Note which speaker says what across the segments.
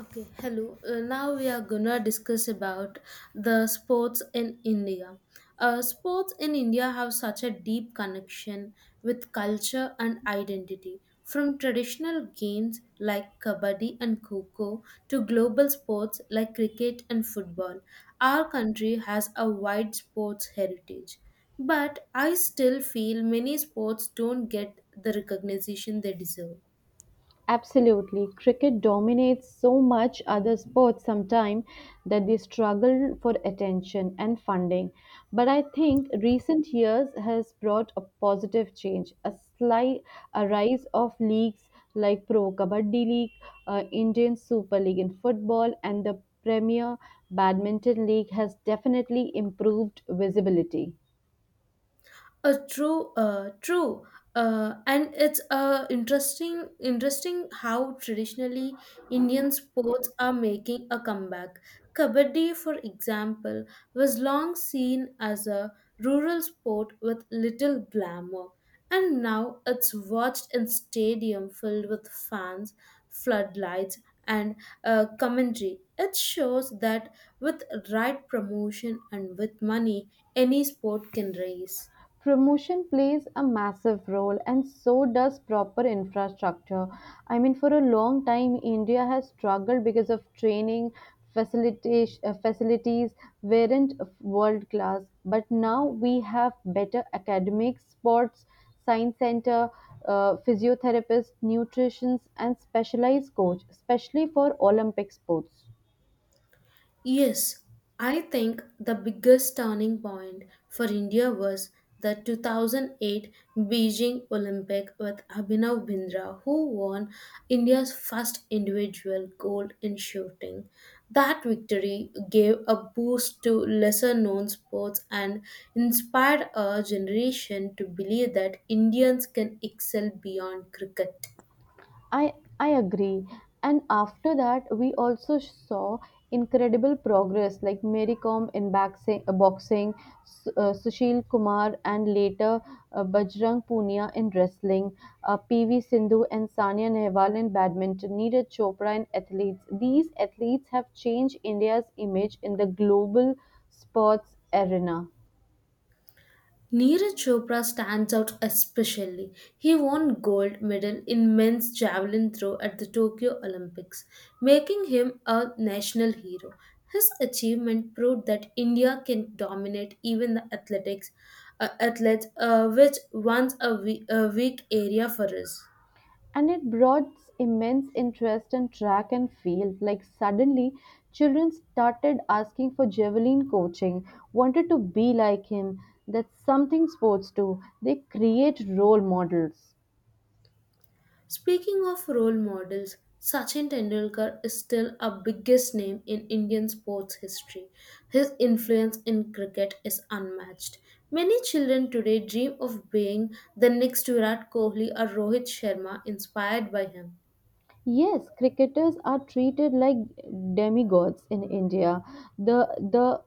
Speaker 1: Okay, hello. Now we are gonna discuss about the sports in India. Sports in India have such a deep connection with culture and identity. From traditional games like kabaddi and kho to global sports like cricket and football, our country has a wide sports heritage. But I still feel many sports don't get the recognition they deserve.
Speaker 2: Absolutely. Cricket dominates so much other sports sometimes that they struggle for attention and funding. But I think recent years has brought a positive change, a slight a rise of leagues like Pro Kabaddi League, Indian Super League in football, and the Premier Badminton League has definitely improved visibility.
Speaker 1: Uh, true, uh, true, and it's interesting how traditionally Indian sports are making a comeback. Kabaddi, for example, was long seen as a rural sport with little glamour, and now it's watched in stadium filled with fans, floodlights, and commentary. It shows that with right promotion and with money, any sport can raise.
Speaker 2: Promotion plays a massive role, and so does proper infrastructure. I mean, for a long time, India has struggled because of training facilitation facilities weren't world class. But now we have better academic sports, science center, physiotherapists, nutritionists, and specialized coach, especially for Olympic sports.
Speaker 1: Yes, I think the biggest turning point for India was the 2008 Beijing Olympic with Abhinav Bindra, who won India's first individual gold in shooting. That victory gave a boost to lesser known sports and inspired a generation to believe that Indians can excel beyond cricket.
Speaker 2: I I agree. And after that, we also saw incredible progress like Mary Kom in boxing, Sushil Kumar, and later Bajrang Punia in wrestling, PV Sindhu and Sania Nehwal in badminton, Neeraj Chopra in athletes. These athletes have changed India's image in the global sports arena.
Speaker 1: Neeraj Chopra stands out especially. He won gold medal in men's javelin throw at the Tokyo Olympics, making him a national hero. His achievement proved that India can dominate even the athletics athletes, which once a weak area for us.
Speaker 2: And it brought immense interest in track and field. Like suddenly, children started asking for javelin coaching, wanted to be like him. That's something sports do. They create role models.
Speaker 1: Speaking of role models, Sachin Tendulkar is still our biggest name in Indian sports history. His influence in cricket is unmatched. Many children today dream of being the next Virat Kohli or Rohit Sharma inspired by him.
Speaker 2: Yes, cricketers are treated like demigods in India. The the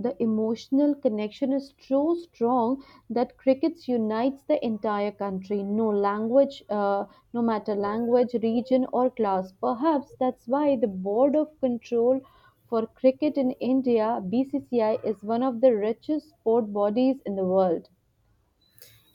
Speaker 2: the emotional connection is so strong that crickets unites the entire country. No matter language, region, or class. Perhaps that's why the Board of Control for Cricket in India (BCCI) is one of the richest sport bodies in the world.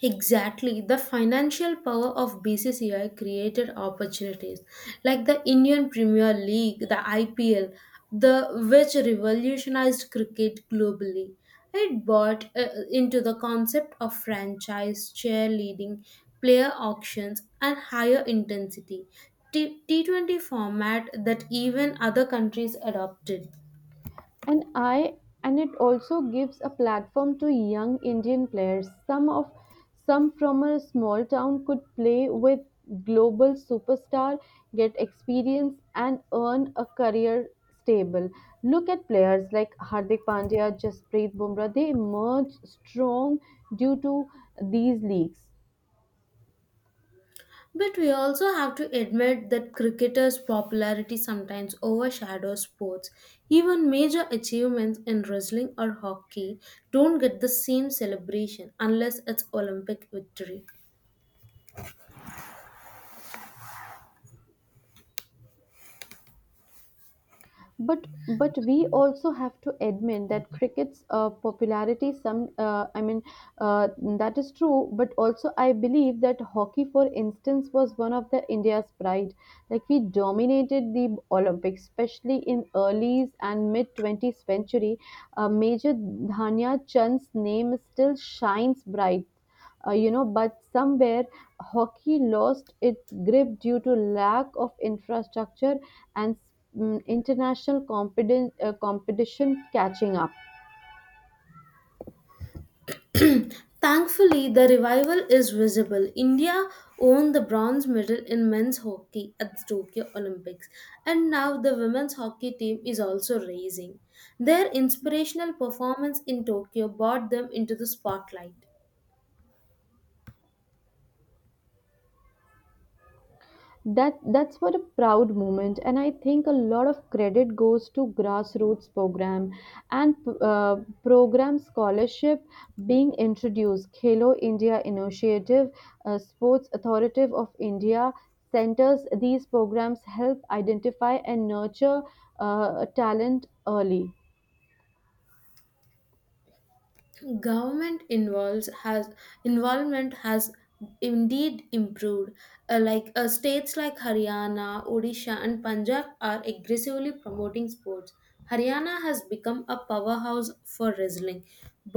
Speaker 1: Exactly. The financial power of BCCI created opportunities like the Indian Premier League, the IPL, the which revolutionized cricket globally. It bought into the concept of franchise cheerleading, player auctions, and higher intensity T20 format that even other countries adopted.
Speaker 2: and i and it also gives a platform to young indian players some from a small town could play with global superstar, get experience, and earn a career stable. Look at players like hardik pandya jasprit bumrah, they emerge strong due to these leagues.
Speaker 1: But we also have to admit that cricketers' popularity sometimes overshadows sports. Even major achievements in wrestling or hockey don't get the same celebration unless it's Olympic victory.
Speaker 2: But we also have to admit that cricket's popularity. Some I mean uh, that is true. But also I believe that hockey, for instance, was one of the India's pride. Like we dominated the Olympics, especially in early and mid 20th century. Major Dhania Chand's name still shines bright, you know, but somewhere hockey lost its grip due to lack of infrastructure and competition catching up.
Speaker 1: Thankfully, the revival is visible. India won the bronze medal in men's hockey at the Tokyo Olympics, and now the women's hockey team is also rising. Their inspirational performance in Tokyo brought them into the spotlight.
Speaker 2: That's what a proud moment, and I think a lot of credit goes to grassroots program and uh, program scholarship being introduced, khelo india initiative, sports authority of india centers. These programs help identify and nurture talent early.
Speaker 1: Government involves has involvement has indeed improved. States like haryana, odisha, and punjab are aggressively promoting sports. Haryana has become a powerhouse for wrestling,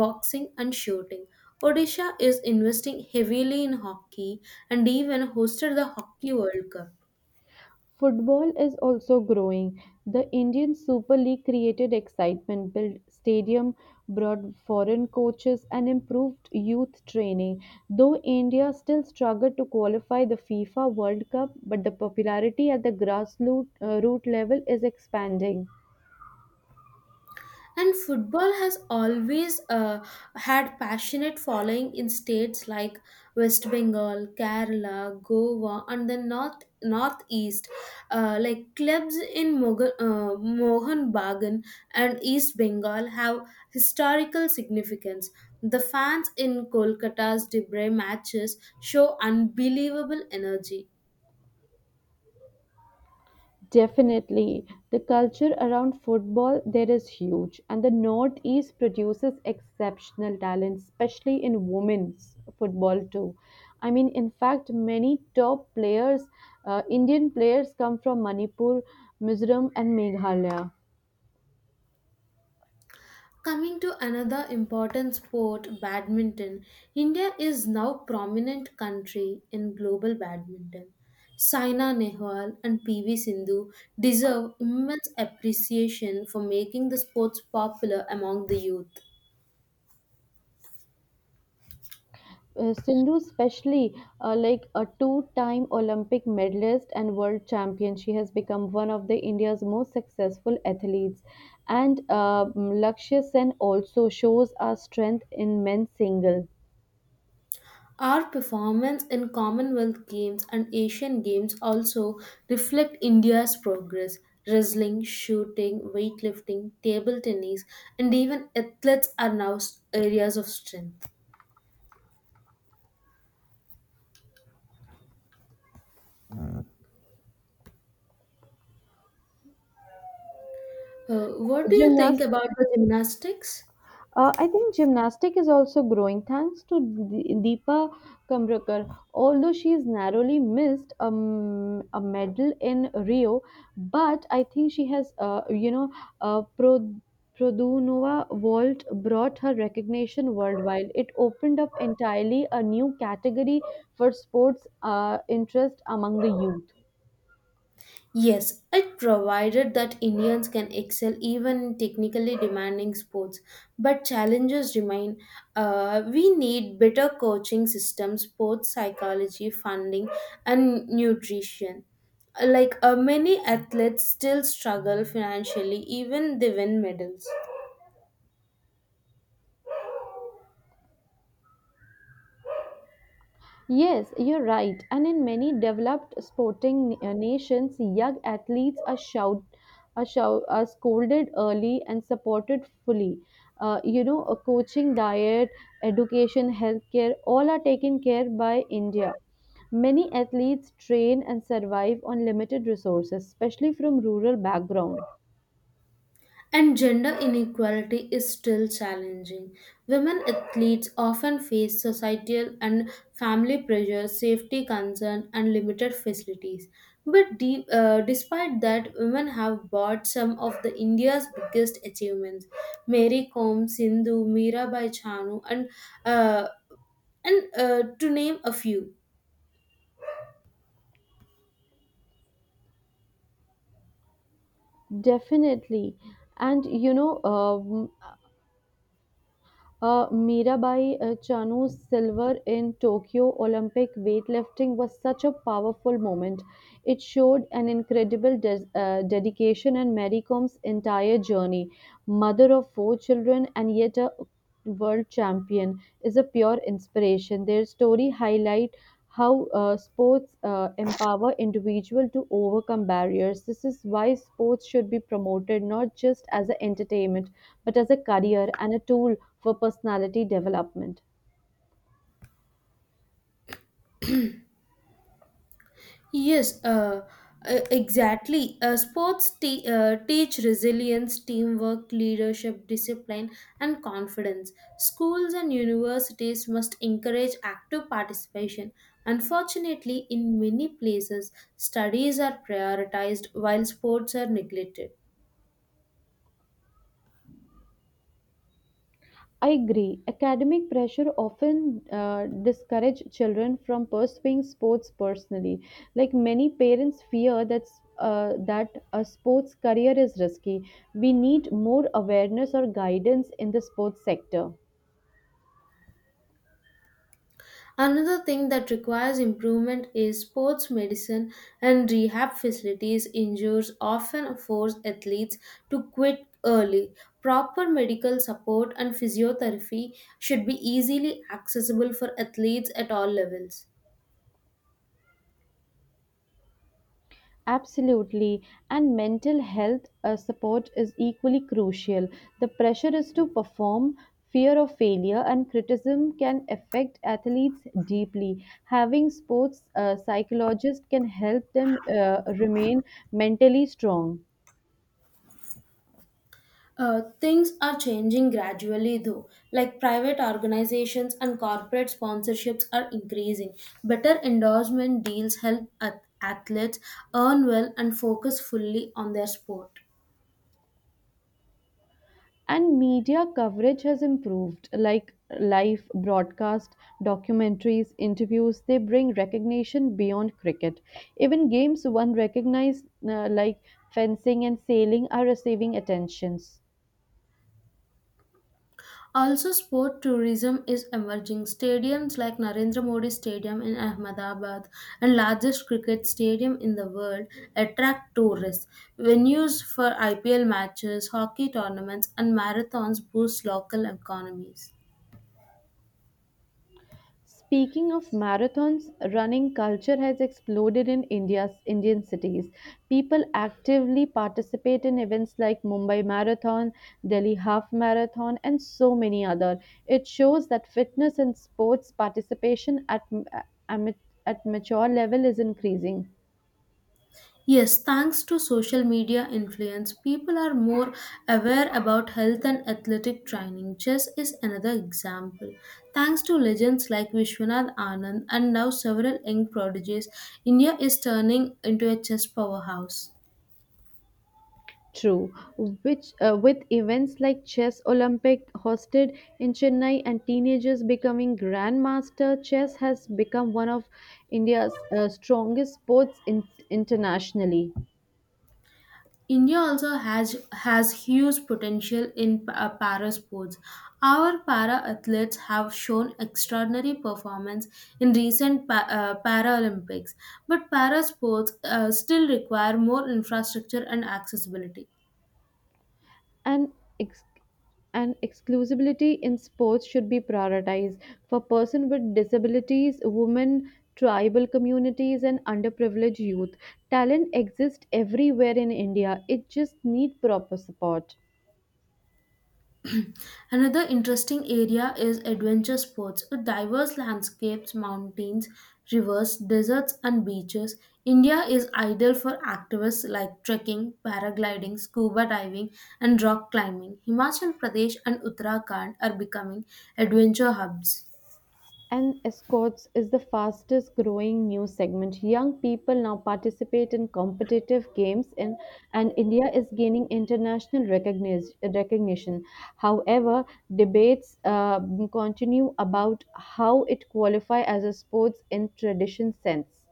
Speaker 1: boxing, and shooting. Odisha is investing heavily in hockey and even hosted the hockey world cup.
Speaker 2: Football is also growing; the Indian Super League created excitement, built stadium, brought foreign coaches and improved youth training. Though India still struggled to qualify the FIFA World Cup, but the popularity at the grassroots root level is expanding.
Speaker 1: And football has always had passionate following in states like West Bengal, Kerala, Goa, and the North Northeast. Like clubs in Mohan Bagan and East Bengal have historical significance. The fans in Kolkata's Debre matches show unbelievable energy.
Speaker 2: Definitely. The culture around football there is huge and the Northeast produces exceptional talent, especially in women's football too. I mean, in fact, many top players, Indian players come from Manipur, Mizoram and Meghalaya.
Speaker 1: Coming to another important sport, badminton, India is now prominent country in global badminton. Saina Nehwal and PV Sindhu deserve immense appreciation for making the sports popular among the youth.
Speaker 2: Sindhu, especially like a two-time Olympic medalist and world champion, she has become one of the India's most successful athletes. And Lakshya Sen also shows our strength in men's single.
Speaker 1: Our performance in Commonwealth Games and Asian Games also reflect India's progress. Wrestling, shooting, weightlifting, table tennis, and even athletes are now areas of strength. What do you think
Speaker 2: Gymnastics.
Speaker 1: about the gymnastics?
Speaker 2: I think gymnastic is also growing thanks to Deepa Kamrakar. Although she is narrowly missed a medal in Rio, but I think she has, uh, Pro- Produnova vault brought her recognition worldwide. It opened up entirely a new category for sports interest among the youth.
Speaker 1: Yes, it provided that Indians can excel even in technically demanding sports, but challenges remain. We need better coaching systems, sports psychology, funding, and nutrition. Many athletes still struggle financially, even they win medals.
Speaker 2: Yes, you're right. And in many developed sporting nations, young athletes are scolded early and supported fully. A coaching, diet, education, healthcare, all are taken care by India. Many athletes train and survive on limited resources, especially from rural background.
Speaker 1: And gender inequality is still challenging. Women athletes often face societal and family pressures, safety concerns, and limited facilities. But despite that, women have brought some of the India's biggest achievements: Mary Kom, Sindhu, Mirabai Chanu, and uh, to name a few.
Speaker 2: Definitely. And you know, um Mirabai Chanu's silver in Tokyo Olympic weightlifting was such a powerful moment. It showed an incredible dedication in Mary Com's entire journey, mother of four children and yet a world champion, is a pure inspiration. Their story highlight how sports empower individual to overcome barriers. This is why sports should be promoted not just as an entertainment, but as a career and a tool for personality development.
Speaker 1: Yes, exactly. Sports teach resilience, teamwork, leadership, discipline, and confidence. Schools and universities must encourage active participation. Unfortunately, in many places, studies are prioritized while sports are neglected.
Speaker 2: I agree. Academic pressure often discourage children from pursuing sports personally. Like many parents fear that a sports career is risky. We need more awareness or guidance in the sports sector.
Speaker 1: Another thing that requires improvement is sports medicine and rehab facilities. Injuries often force athletes to quit early. Proper medical support and physiotherapy should be easily accessible for athletes at all levels.
Speaker 2: Absolutely. And mental health support is equally crucial. The pressure is to perform, fear of failure, and criticism can affect athletes deeply. Having sports psychologists can help them remain mentally strong.
Speaker 1: Things are changing gradually though, like private organizations and corporate sponsorships are increasing. Better endorsement deals help athletes earn well and focus fully on their sport.
Speaker 2: And media coverage has improved, like live broadcast, documentaries, interviews. They bring recognition beyond cricket. Even games one recognized like fencing and sailing are receiving attentions.
Speaker 1: Also, sport tourism is emerging. Stadiums like Narendra Modi Stadium in Ahmedabad and largest cricket stadium in the world attract tourists. Venues for IPL matches, hockey tournaments, and marathons boost local economies.
Speaker 2: Speaking of marathons, running culture has exploded in India's Indian cities. People actively participate in events like Mumbai Marathon, Delhi Half Marathon, and so many other. It shows that fitness and sports participation at, at mature level is increasing.
Speaker 1: Yes, thanks to social media influence, people are more aware about health and athletic training. Chess is another example. Thanks to legends like Vishwanath Anand and now several young prodigies, India is turning into a chess powerhouse.
Speaker 2: True, which with events like Chess Olympic hosted in Chennai and teenagers becoming grandmaster, chess has become one of India's strongest sports internationally.
Speaker 1: India also has huge potential in para sports. Our para athletes have shown extraordinary performance in recent Paralympics, but para sports still require more infrastructure and accessibility.
Speaker 2: And ex- and exclusivity in sports should be prioritized for persons with disabilities, women, tribal communities, and underprivileged youth. Talent exists everywhere in India. It just needs proper support.
Speaker 1: Another interesting area is adventure sports with diverse landscapes, mountains, rivers, deserts, and beaches. India is ideal for activists like trekking, paragliding, scuba diving, and rock climbing. Himachal Pradesh and Uttarakhand are becoming adventure hubs.
Speaker 2: And escorts is the fastest growing new segment. Young people now participate in competitive games in, and India is gaining international recognition. However, debates continue about how it qualify as a sports in tradition sense.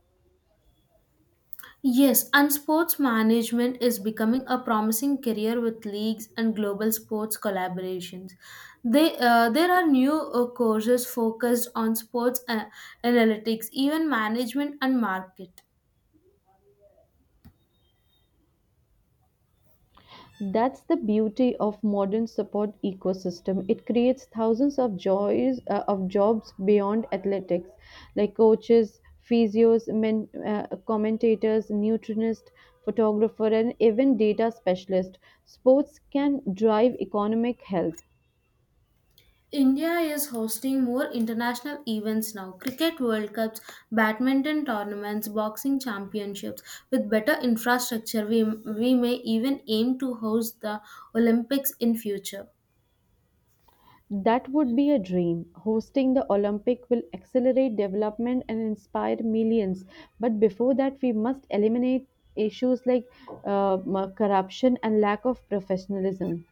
Speaker 1: Yes, and sports management is becoming a promising career with leagues and global sports collaborations. There are new courses focused on sports analytics, even management and market.
Speaker 2: That's the beauty of modern support ecosystem. It creates thousands of joys of jobs beyond athletics, like coaches, physios, commentators, nutritionists, photographer, and even data specialist. Sports can drive economic health.
Speaker 1: India is hosting more international events now: cricket world cups, badminton tournaments, boxing championships. With better infrastructure we may even aim to host the olympics in future.
Speaker 2: That would be a dream. Hosting the Olympic will accelerate development and inspire millions. But before that, we must eliminate issues like uh, corruption and lack of professionalism.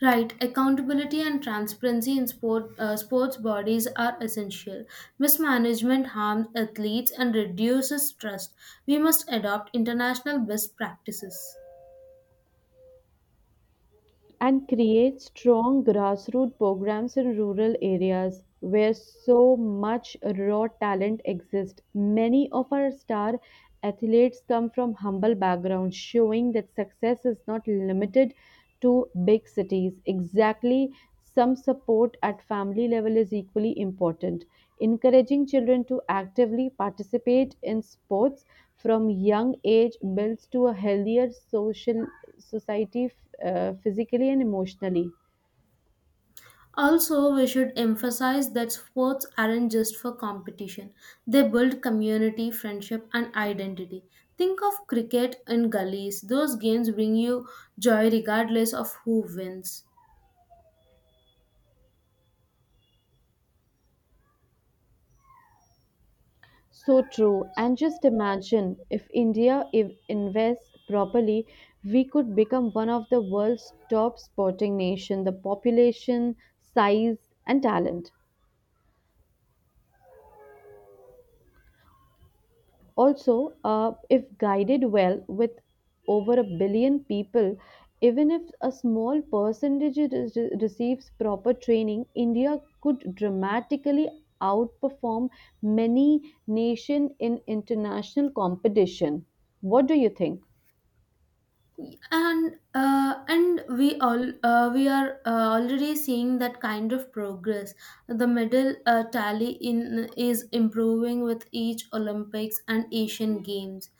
Speaker 1: Right, accountability and transparency in sports bodies are essential. Mismanagement harms athletes and reduces trust. We must adopt international best practices.
Speaker 2: And create strong grassroots programs in rural areas where so much raw talent exists. Many of our star athletes come from humble backgrounds, showing that success is not limited to big cities. Exactly, some support at family level is equally important. Encouraging children to actively participate in sports from young age builds to a healthier social society, physically and emotionally.
Speaker 1: Also, we should emphasize that sports aren't just for competition, they build community, friendship, and identity. Think of cricket in gullies, those games bring you joy regardless of who wins.
Speaker 2: So true. And just imagine if India if invests properly, we could become one of the world's top sporting nation, the population, size and talent. Also, if guided well, with over a billion people, even if a small percentage receives proper training, India could dramatically outperform many nations in international competition. What do you think?
Speaker 1: And we all we are already seeing that kind of progress. The medal tally in is improving with each olympics and asian games.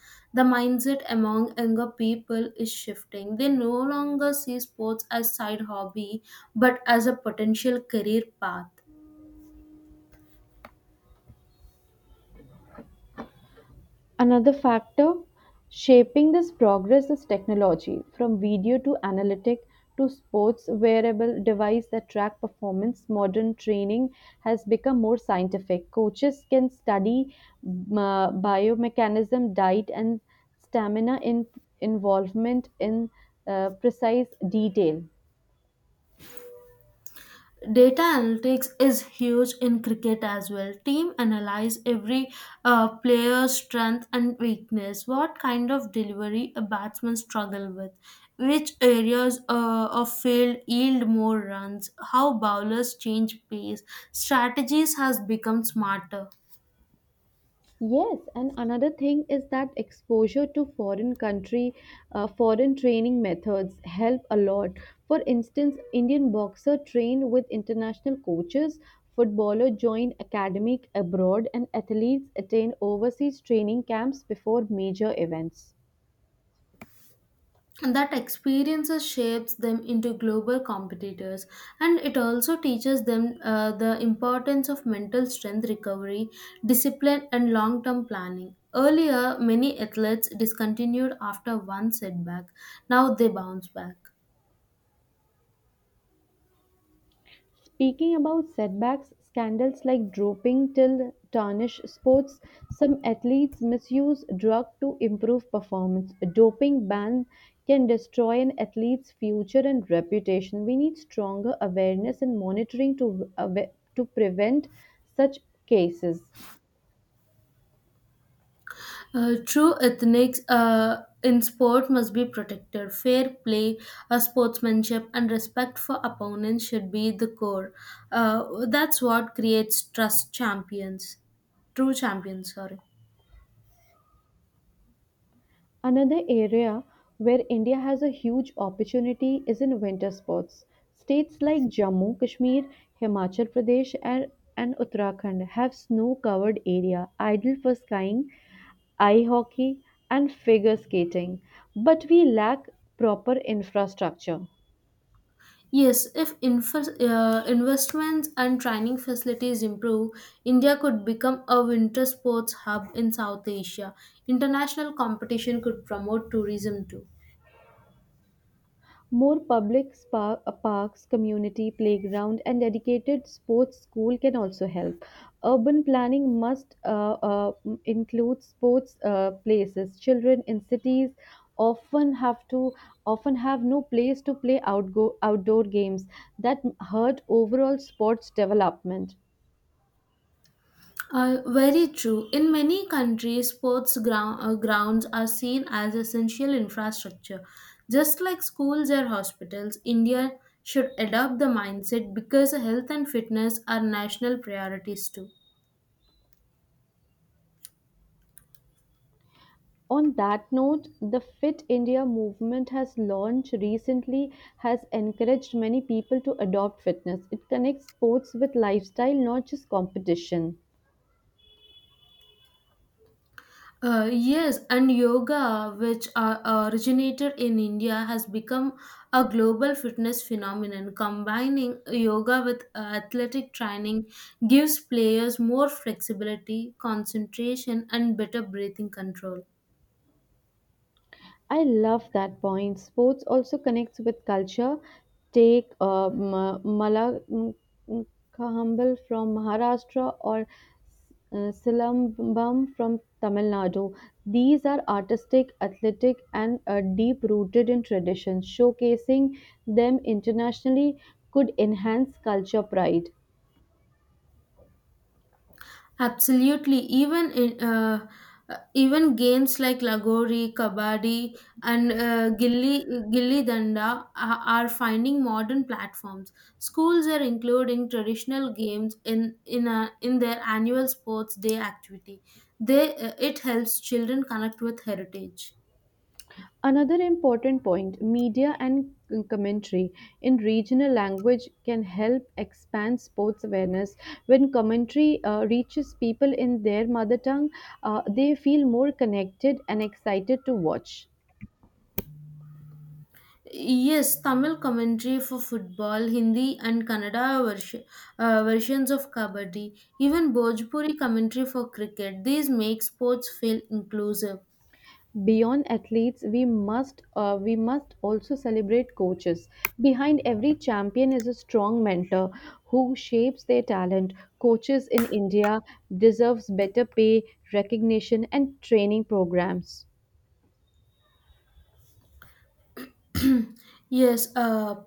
Speaker 1: The mindset among younger people is shifting. They no longer see sports as side hobby but as a potential career path.
Speaker 2: Another factor shaping this progress is technology, from video to analytic to sports wearable device that track performance. Modern training has become more scientific. Coaches can study biomechanism, diet, and stamina in involvement in precise detail.
Speaker 1: Data analytics is huge in cricket as well. Team analyze every player's strength and weakness, what kind of delivery a batsman struggle with, which areas of field yield more runs, how bowlers change pace. Strategies has become smarter.
Speaker 2: Yes, and another thing is that exposure to foreign country, foreign training methods help a lot. For instance, Indian boxer trained with international coaches, footballer joined academic abroad, and athletes attend overseas training camps before major events.
Speaker 1: And that experiences shapes them into global competitors, and it also teaches them the importance of mental strength, recovery, discipline, and long term planning. Earlier many athletes discontinued after one setback, now they bounce back.
Speaker 2: Speaking about setbacks, scandals like doping till tarnish sports. Some athletes misuse drug to improve performance. A doping ban can destroy an athlete's future and reputation. We need stronger awareness and monitoring to prevent such cases.
Speaker 1: True ethics in sport must be protected. Fair play, sportsmanship, and respect for opponents should be the core. That's what creates trust champions. True champions, sorry.
Speaker 2: Another area where India has a huge opportunity is in winter sports. States like Jammu, Kashmir, Himachal Pradesh, and Uttarakhand have snow covered area ideal for skiing, ice hockey, and figure skating, but we lack proper infrastructure.
Speaker 1: Yes, if investments and training facilities improve, India could become a winter sports hub in South Asia. International competition could promote tourism too.
Speaker 2: More public parks, community playground, and dedicated sports school can also help. Urban planning include sports places. Children in cities often have to often have no place to play outdoor games that hurt overall sports development.
Speaker 1: Very true. In many countries, grounds are seen as essential infrastructure. Just like schools or hospitals, India should adopt the mindset because health and fitness are national priorities too.
Speaker 2: On that note, the Fit India movement has launched recently has encouraged many people to adopt fitness. It connects sports with lifestyle, not just competition.
Speaker 1: Yes, and yoga, which originated in India, has become a global fitness phenomenon. Combining yoga with athletic training gives players more flexibility, concentration, and better breathing control.
Speaker 2: I love that point. Sports also connects with culture. Take M- Kahambal from Maharashtra or Silambam from Tamil Nadu. These are artistic, athletic, and deep rooted in tradition. Showcasing them internationally could enhance culture pride.
Speaker 1: Absolutely. Even in even games like Lagori, Kabaddi, and Gilli Danda are finding modern platforms. Schools are including traditional games in their annual sports day activity. They It helps children connect with heritage.
Speaker 2: Another important point, media and commentary in regional language can help expand sports awareness. When commentary reaches people in their mother tongue, they feel more connected and excited to watch.
Speaker 1: Yes, Tamil commentary for football, Hindi and Kannada versions of Kabaddi, even Bhojpuri commentary for cricket. These make sports feel inclusive.
Speaker 2: Beyond athletes, we must also celebrate coaches. Behind every champion is a strong mentor who shapes their talent. Coaches in India deserves better pay, recognition, and training programs.
Speaker 1: Yes, uh,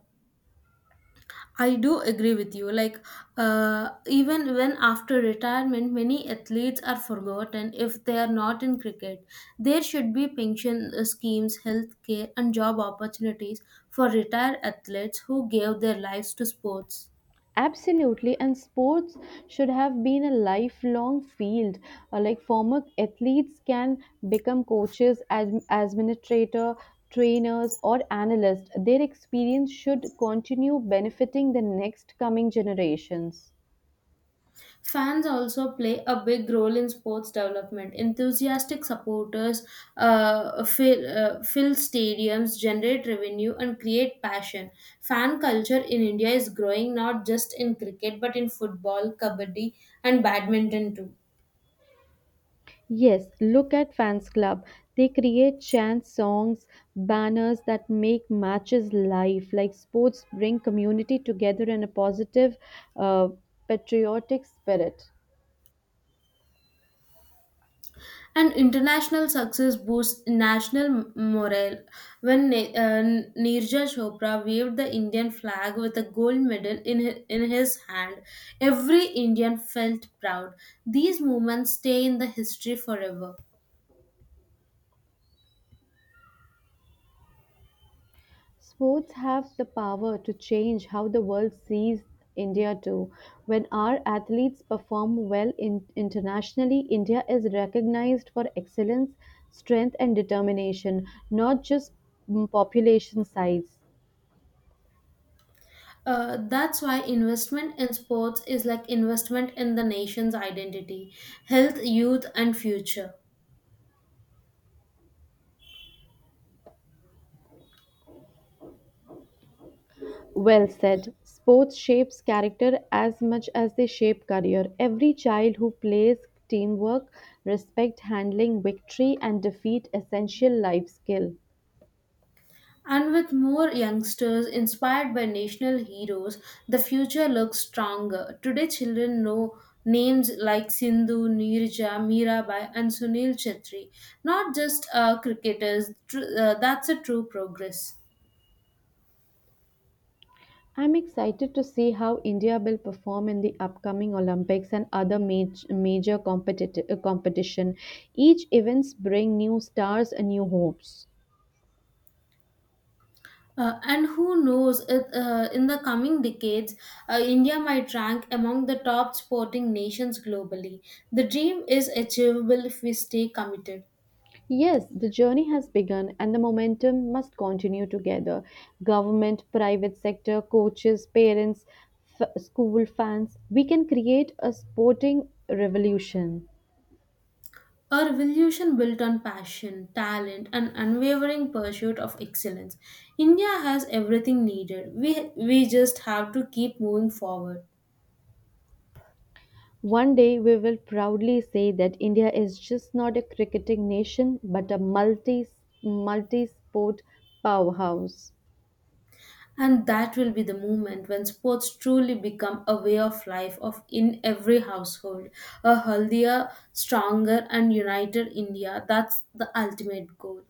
Speaker 1: I do agree with you. Even when after retirement, many athletes are forgotten if they are not in cricket. There should be pension schemes, health care, and job opportunities for retired athletes who gave their lives to sports.
Speaker 2: Absolutely, and sports should have been a lifelong field. Like former athletes can become coaches, administrator, trainers, or analysts. Their experience should continue benefiting the next coming generations.
Speaker 1: Fans also play a big role in sports development. Enthusiastic supporters fill stadiums, generate revenue, and create passion. Fan culture in India is growing not just in cricket but in football, kabaddi, and badminton too.
Speaker 2: Yes, look at fans club. They create chant songs, banners that make matches live. Like sports bring community together in a positive, uh, patriotic spirit.
Speaker 1: And international success boosts national morale. When Neeraj Chopra waved the Indian flag with a gold medal in his hand, every Indian felt proud. These moments stay in the history forever.
Speaker 2: Sports have the power to change how the world sees India too. When our athletes perform well in internationally, India is recognized for excellence, strength, and determination, not just population size.
Speaker 1: That's why investment in sports is like investment in the nation's identity, health, youth, and future.
Speaker 2: Well said. Sports shapes character as much as they shape career. Every child who plays teamwork, respect handling victory and defeat essential life skill.
Speaker 1: And with more youngsters inspired by national heroes, the future looks stronger. Today, children know names like Sindhu, Neerja, Mirabai, and Sunil Chetri, not just cricketers. That's a true progress.
Speaker 2: I am excited to see how India will perform in the upcoming Olympics and other major competition. Each events bring new stars and new hopes.
Speaker 1: And who knows, in the coming decades, India might rank among the top sporting nations globally. The dream is achievable if we stay committed.
Speaker 2: Yes, the journey has begun and the momentum must continue together. Government, private sector, coaches, parents, school fans, we can create a sporting revolution.
Speaker 1: A revolution built on passion, talent, and unwavering pursuit of excellence. India has everything needed. We just have to keep moving forward.
Speaker 2: One day we will proudly say that India is just not a cricketing nation but a multi sport powerhouse.
Speaker 1: And that will be the moment when sports truly become a way of life of in every household. A healthier, stronger, and united India. That's the ultimate goal.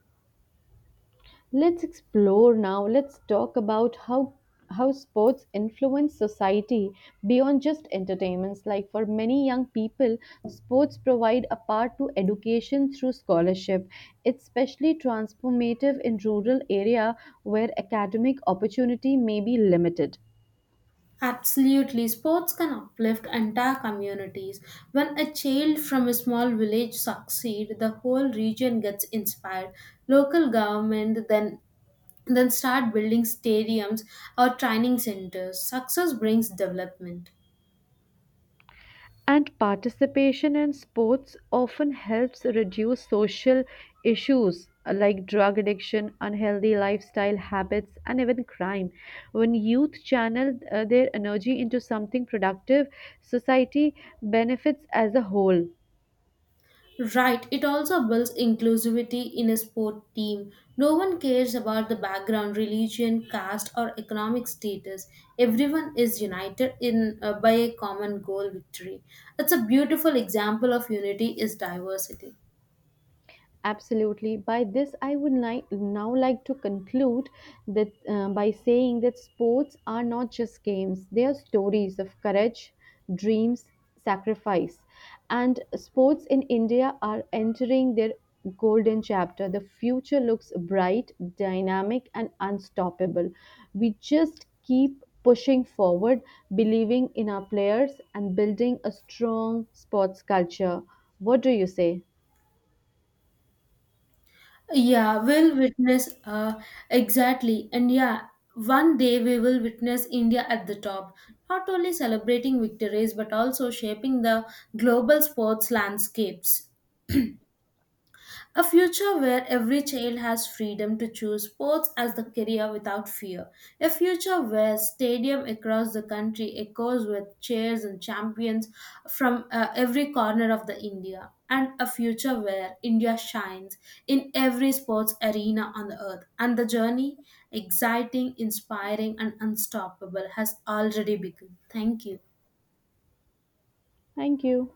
Speaker 2: Let's explore now. Let's talk about how sports influence society beyond just entertainments. Like for many young people, sports provide a path to education through scholarship. It's especially transformative in rural area where academic opportunity may be limited.
Speaker 1: Absolutely, sports can uplift entire communities. When a child from a small village succeeds, the whole region gets inspired. Local government then start building stadiums or training centers. Success brings development.
Speaker 2: And participation in sports often helps reduce social issues like drug addiction, unhealthy lifestyle habits, and even crime. When youth channel their energy into something productive, society benefits as a whole.
Speaker 1: Right, it also builds inclusivity in a sport team. No one cares about the background, religion, caste, or economic status. Everyone is united in by a common goal victory. It's a beautiful example of unity is diversity.
Speaker 2: Absolutely. By this, I would now like to conclude that by saying that sports are not just games; they are stories of courage, dreams, sacrifice, and sports in India are entering their golden chapter. The future looks bright, dynamic, and unstoppable. We just keep pushing forward, believing in our players, and building a strong sports culture. What do you say?
Speaker 1: Yeah, we'll witness Exactly. And yeah, one day we will witness India at the top, not only celebrating victories but also shaping the global sports landscapes. A future where every child has freedom to choose sports as the career without fear. A future where stadium across the country echoes with cheers and champions from every corner of the India. And a future where India shines in every sports arena on the earth. And the journey, exciting, inspiring, and unstoppable, has already begun. Thank you.
Speaker 2: Thank you.